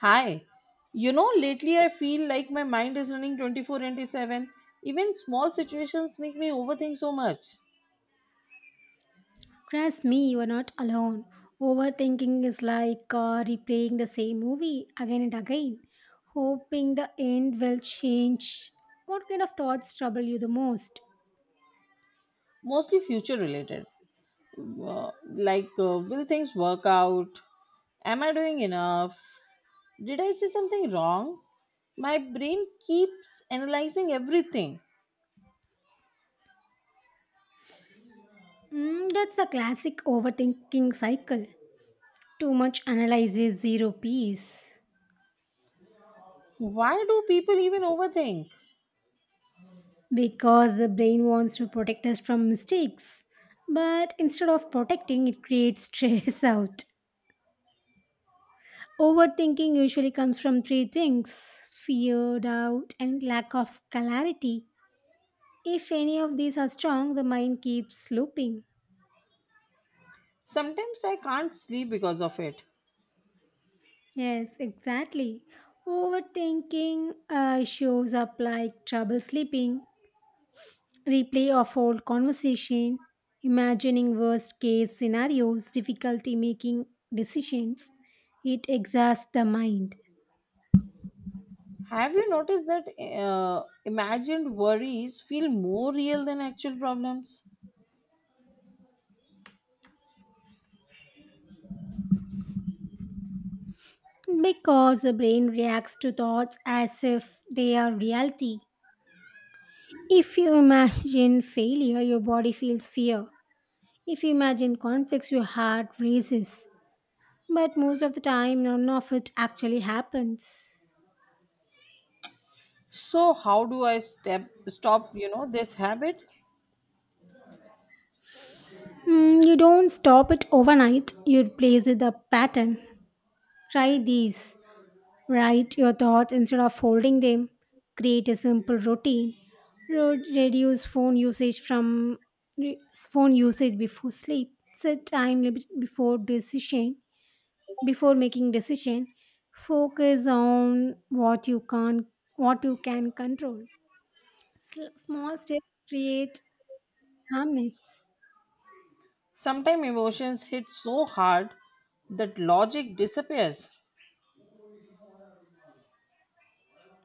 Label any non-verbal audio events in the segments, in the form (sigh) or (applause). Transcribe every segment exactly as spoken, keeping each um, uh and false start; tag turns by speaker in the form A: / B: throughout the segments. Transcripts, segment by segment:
A: Hi. You know, lately I feel like my mind is running twenty-four into seven. Even small situations make me overthink so much,
B: Trust me, you are not alone. Overthinking is like uh, replaying the same movie again and again, hoping the end will change. What kind of thoughts trouble you the most?
A: mostly future related. Uh, like, uh, will things work out? Am I doing enough? Did I say something wrong? My brain keeps analyzing everything.
B: Mm, that's the classic overthinking cycle. Too much analysis, zero peace.
A: Why do people even overthink?
B: Because the brain wants to protect us from mistakes, but instead of protecting, it creates stress (laughs) out. Overthinking usually comes from three things fear, doubt, and lack of clarity. If any of these are strong, the mind keeps looping.
A: Sometimes I can't sleep because of it.
B: Yes, exactly. Overthinking uh, shows up like trouble sleeping, replay of old conversation, imagining worst case scenarios, difficulty making decisions. It exhausts the mind
A: Have you noticed that uh, imagined worries feel more real than actual problems?
B: because the brain reacts to thoughts as if they are reality. If you imagine failure, your body feels fear. If you imagine conflicts, your heart races. But most of the time, none of it actually happens.
A: So how do I step stop, you know, this habit?
B: Mm, you don't stop it overnight, you replace it the pattern. Try these. Write your thoughts instead of holding them. Create a simple routine. Ro- Reduce phone usage from re- phone usage before sleep. Set time limit before decision before making decision focus on what you can what you can control. Sl- small steps create calmness.
A: Sometimes emotions hit so hard that logic disappears.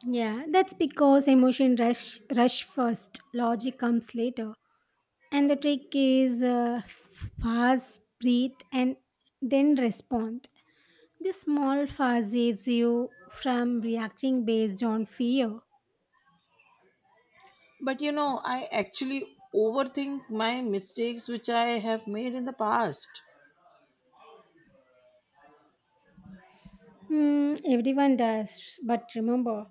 B: Yeah, that's because emotion rush rush first logic comes later, and the trick is uh, fast breathe and then respond. This small fast saves you from reacting based on fear.
A: But you know, I actually overthink my mistakes which I have made in the past,
B: Hmm, everyone does, but remember,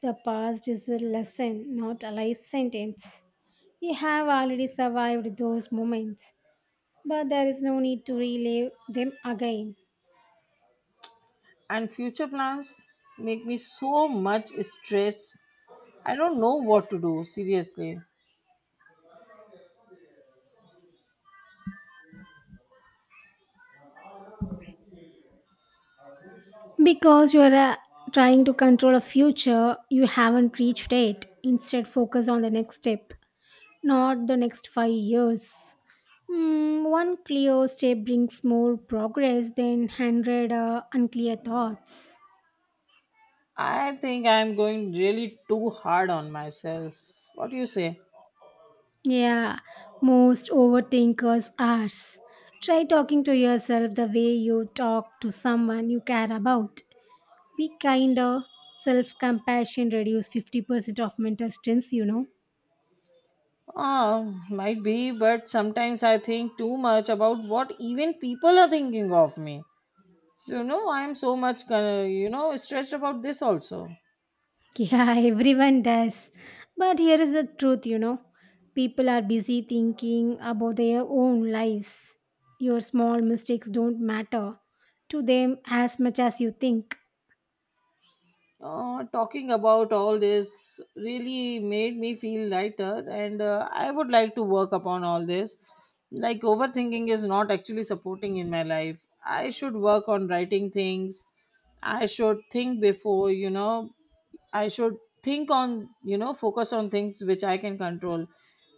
B: the past is a lesson, not a life sentence. You have already survived those moments, but there is no need to relive them again.
A: and future plans make me so much stress. I don't know what to do, seriously.
B: Because you are uh, trying to control a future, you haven't reached it. Instead, focus on the next step, not the next five years. Hmm, one clear step brings more progress than a hundred uh, unclear thoughts.
A: I think I'm going really too hard on myself. What do you say?
B: Yeah, most overthinkers are. Try talking to yourself the way you talk to someone you care about. Be kinder. Self compassion reduce fifty percent of mental stress, you know.
A: Oh, might be, but sometimes I think too much about what even people are thinking of me. So, no, I'm so much, uh, you know, stressed about this also.
B: Yeah, (laughs) everyone does. But here is the truth, you know. People are busy thinking about their own lives. Your small mistakes don't matter to them as much as you think.
A: Uh, talking about all this really made me feel lighter, and uh, I would like to work upon all this. Like, overthinking is not actually supporting in my life. I should work on writing things. I should think before, you know I should think on, you know focus on things which I can control.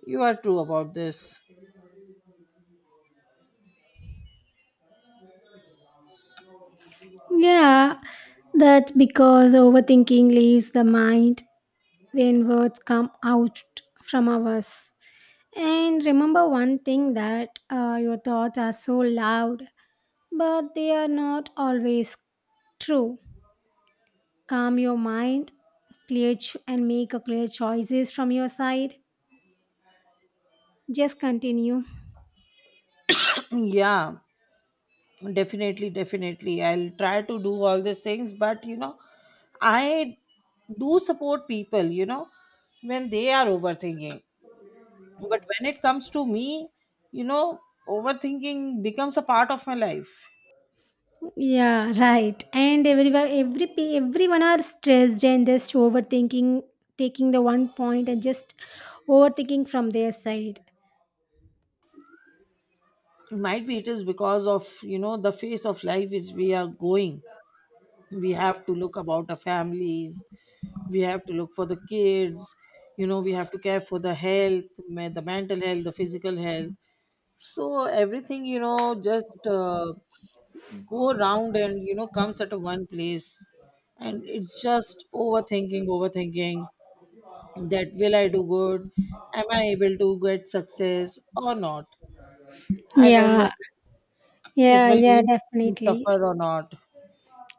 A: You are true about this.
B: Yeah, that's because overthinking leaves the mind when words come out from us. And remember one thing that uh, your thoughts are so loud, but they are not always true. Calm your mind, clear cho- and make a clear choices from your side. Just continue.
A: (clears throat) Yeah, definitely, definitely. I'll try to do all these things, but you know, I do support people, you know, when they are overthinking. But when it comes to me, you know, overthinking becomes a part of my life.
B: Yeah, right. And everyone, every pe- everyone are stressed and just overthinking, taking the one point and just overthinking from their side.
A: Might be it is because of, you know, the phase of life is we are going. We have to look about the families, we have to look for the kids, you know, we have to care for the health, ma- the mental health, the physical health. So everything, you know just uh, go around, and you know comes at a one place, and it's just overthinking overthinking, that will I do good, am I able to get success or not, I don't
B: Yeah,
A: know, it
B: yeah,
A: will
B: yeah,
A: make me
B: definitely.
A: suffer or not.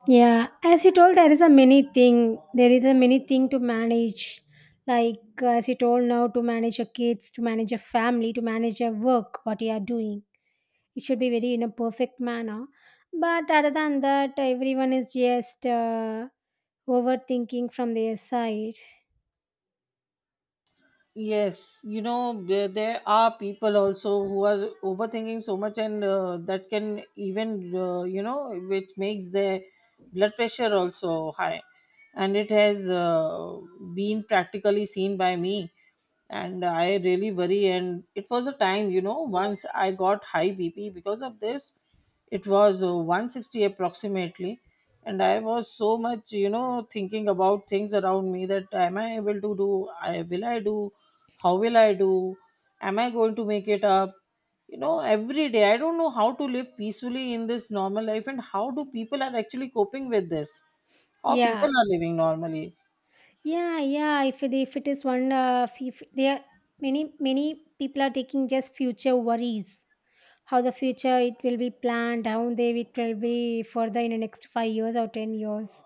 B: Yeah, as you told, there is a many thing. There is a many thing to manage. Like uh, as you told now, to manage your kids, to manage your family, to manage your work, what you are doing. It should be very in a perfect manner. But other than that, everyone is just. Uh, Overthinking from their side.
A: Yes, you know, there, there, are people also who are overthinking so much, and uh, that can even, uh, you know, which makes their blood pressure also high. And it has uh, been practically seen by me, and I really worry. And it was a time, you know once I got high bp because of this. It was uh, one sixty approximately, and I was so much you know thinking about things around me, that am I able to do, I will I do, how will I do, am I going to make it up. You know every day I don't know how to live peacefully in this normal life, and how do people are actually coping with this, how
B: Yeah,
A: people are living normally.
B: yeah, yeah. If it, if it is one, uh, if if they are many many people are taking just future worries. How the future it will be planned, how they it will be further in the next five years or ten years.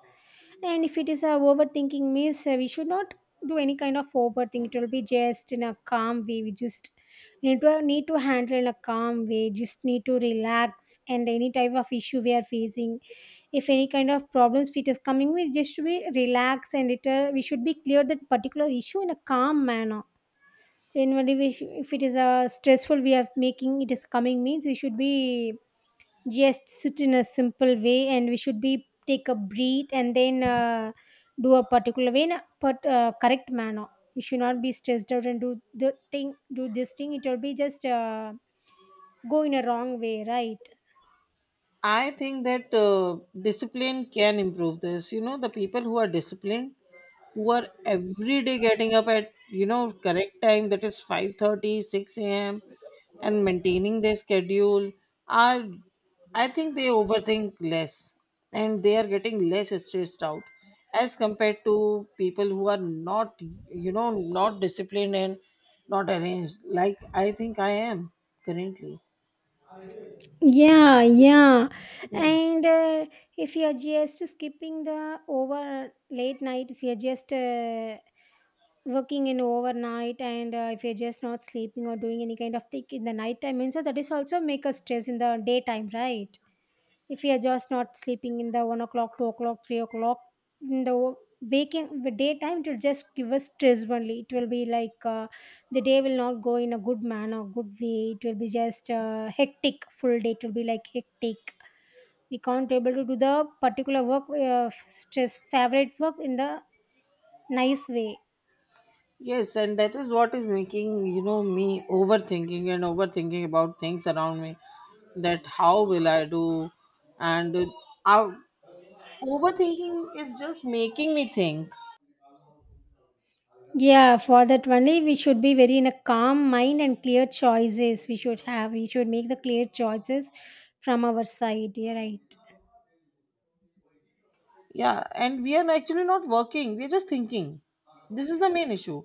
B: And if it is a overthinking means uh, we should not do any kind of overthinking. It will be just in a calm way. We just need to need to handle in a calm way. Just need to relax and any type of issue we are facing if any kind of problems it is coming with, just we relax and it uh, we should be clear that particular issue in a calm manner then when we sh- if it is a stressful we are making it is coming means we should be just sit in a simple way and we should be take a breathe and then uh, do a particular way in a but uh, correct manner. We should not be stressed out and do the thing do this thing it will be just uh, go in a wrong way, right?
A: I think that uh, discipline can improve this. You know, the people who are disciplined, who are every day getting up at you know correct time, that is five thirty six a m, and maintaining their schedule, are I think they overthink less, and they are getting less stressed out as compared to people who are not, you know not disciplined and not arranged. Like, I think I am currently.
B: Yeah, yeah. And uh, if you're just skipping the over late night, if you're just uh, working in overnight, and uh, if you're just not sleeping or doing any kind of thing in the night time, and so that is also make us stress in the daytime, right? If you're just not sleeping in the one o'clock, two o'clock, three o'clock, in the waking the daytime, it will just give us stress only. It will be like. Uh, the day will not go in a good manner good way, it will be just uh, hectic full day, it will be like hectic. We can't able to do the particular work, uh, stress favorite work in the nice way.
A: Yes, and that is what is making, you know, me overthinking and overthinking about things around me, that how will I do, and uh, I- overthinking is just making me think.
B: Yeah, for that only we should be very in a calm mind and clear choices we should have, we should make the clear choices from our side. Yeah, right.
A: Yeah, and we are actually not working, we're just thinking. This is the main issue.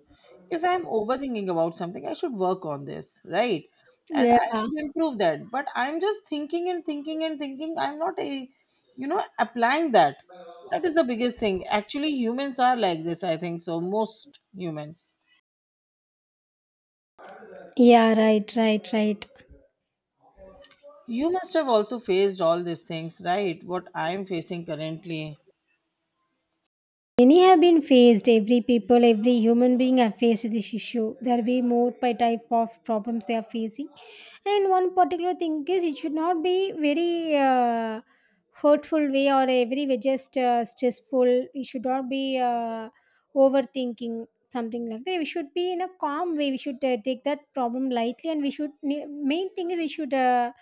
A: If I'm overthinking about something, I should work on this, right? And
B: Yeah,
A: I should improve that. But I'm just thinking and thinking and thinking. I'm not, a, you know, applying that. That is the biggest thing. Actually, humans are like this, I think so. Most humans.
B: yeah, right right right
A: You must have also faced all these things, right? What I'm facing currently.
B: Many have been faced, every people, every human being have faced this issue. There will be more by type of problems they are facing. And one particular thing is it should not be very uh, hurtful way or a very just uh, stressful. It should not be uh, overthinking something like that. We should be in a calm way. We should uh, take that problem lightly, and we should, main thing is we should uh,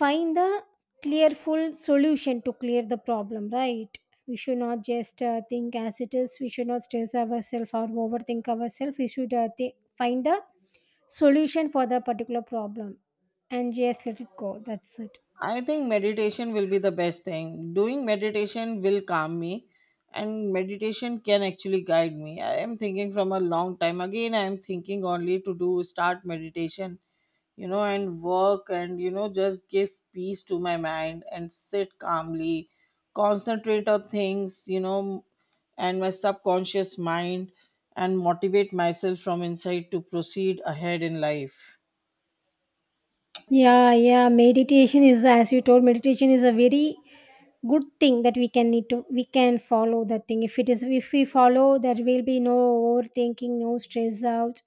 B: find the clearful solution to clear the problem, right? We should not just uh, think as it is, we should not stress ourselves or overthink ourselves. We should uh, thi- find the solution for the particular problem and just let it go, that's it.
A: I think meditation will be the best thing. Doing meditation will calm me, and meditation can actually guide me. I am thinking from a long time. Again, I am thinking only to do start meditation, you know, and work, and, you know, just give peace to my mind, and sit calmly, concentrate on things, you know, and my subconscious mind, and motivate myself from inside to proceed ahead in life.
B: Yeah, yeah, meditation is as you told, meditation is a very good thing that we can need to we can follow that thing. If it is if we follow there will be no overthinking, no stress out,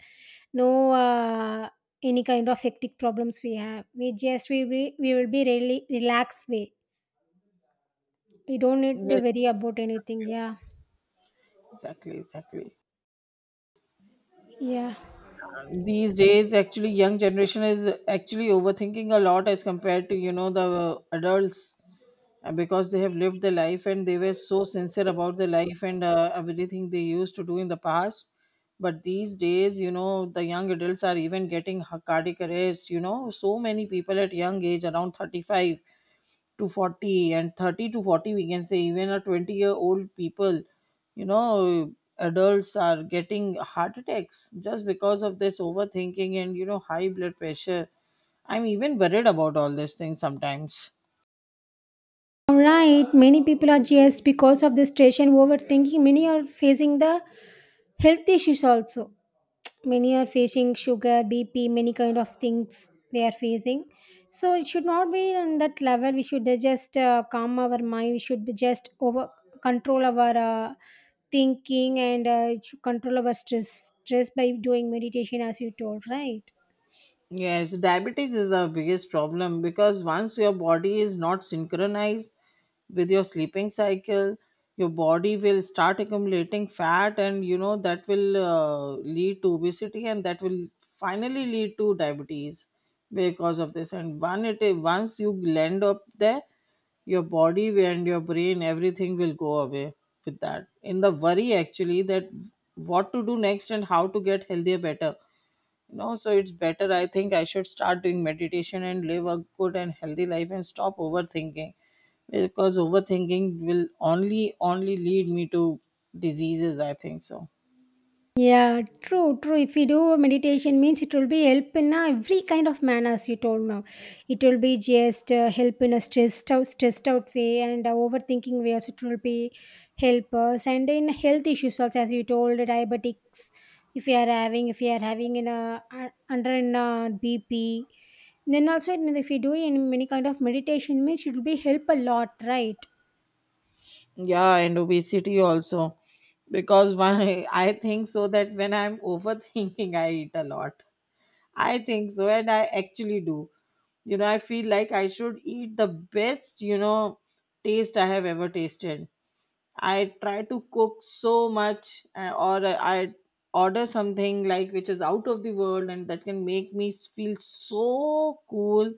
B: no uh, any kind of hectic problems we have. We just we re- We will be really relaxed way, we don't need to worry
A: Yes,
B: about anything, yeah.
A: exactly, exactly.
B: Yeah.
A: These days, actually, young generation is actually overthinking a lot as compared to you know the uh, adults, uh, because they have lived their life, and they were so sincere about their life, and uh, everything they used to do in the past. But these days, you know the young adults are even getting ha- cardiac arrest. You know so many people at young age around thirty-five to 40 and 30 to forty, we can say, even a twenty year old people, you know adults are getting heart attacks just because of this overthinking, and you know high blood pressure. I'm even worried about all these things sometimes.
B: Right, many people are just because of the stress and overthinking. Many are facing the health issues also. Many are facing sugar, B P, many kind of things they are facing. So it should not be on that level. We should just uh, calm our mind. We should be just over control our uh, thinking, and uh, it should control our stress stress by doing meditation, as you told, right?
A: Yes, diabetes is the biggest problem, because once your body is not synchronized with your sleeping cycle, your body will start accumulating fat, and you know that will uh, lead to obesity, and that will finally lead to diabetes because of this. And one it once you land up there, your body and your brain, everything will go away with that, in the worry, actually, that what to do next, and how to get healthier better. No, so it's better. I think I should start doing meditation and live a good and healthy life, and stop overthinking, because overthinking will only only lead me to diseases. I think so.
B: Yeah, true, true. If you do meditation, means it will be help in uh, every kind of manners you told now. It will be just uh, help in a stressed out, stressed out way and uh, overthinking way. Also, it will be help us and in health issues also, as you told, diabetics. If you are having, if you are having in a uh, under in a B P, then also if you do in many kind of meditation, means it will be help a lot, right?
A: Yeah, and obesity also, because why, (laughs) I think so, that when I'm overthinking, I eat a lot. I think so, and I actually do. You know, I feel like I should eat the best, you know, taste I have ever tasted. I try to cook so much, uh, or I order something like which is out of the world, and that can make me s- feel so cool,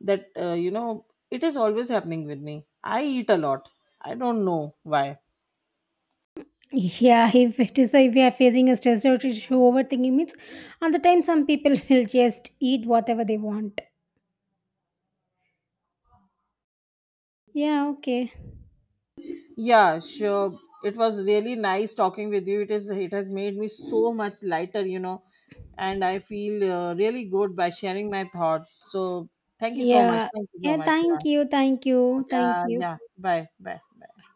A: that uh, you know it is always happening with me. I eat a lot. I don't know why.
B: Yeah, if it is if we are facing a stress or issue, overthinking means on the time some people (laughs) will just eat whatever they want. Yeah, okay.
A: Yeah, sure. It was really nice talking with you. It is. It has made me so much lighter, you know, and I feel uh, really good by sharing my thoughts. So thank you so much.
B: Yeah.
A: Thank you so
B: Yeah,
A: much. Yeah,
B: thank you, thank you, thank
A: yeah,
B: you.
A: yeah. Bye, bye, bye.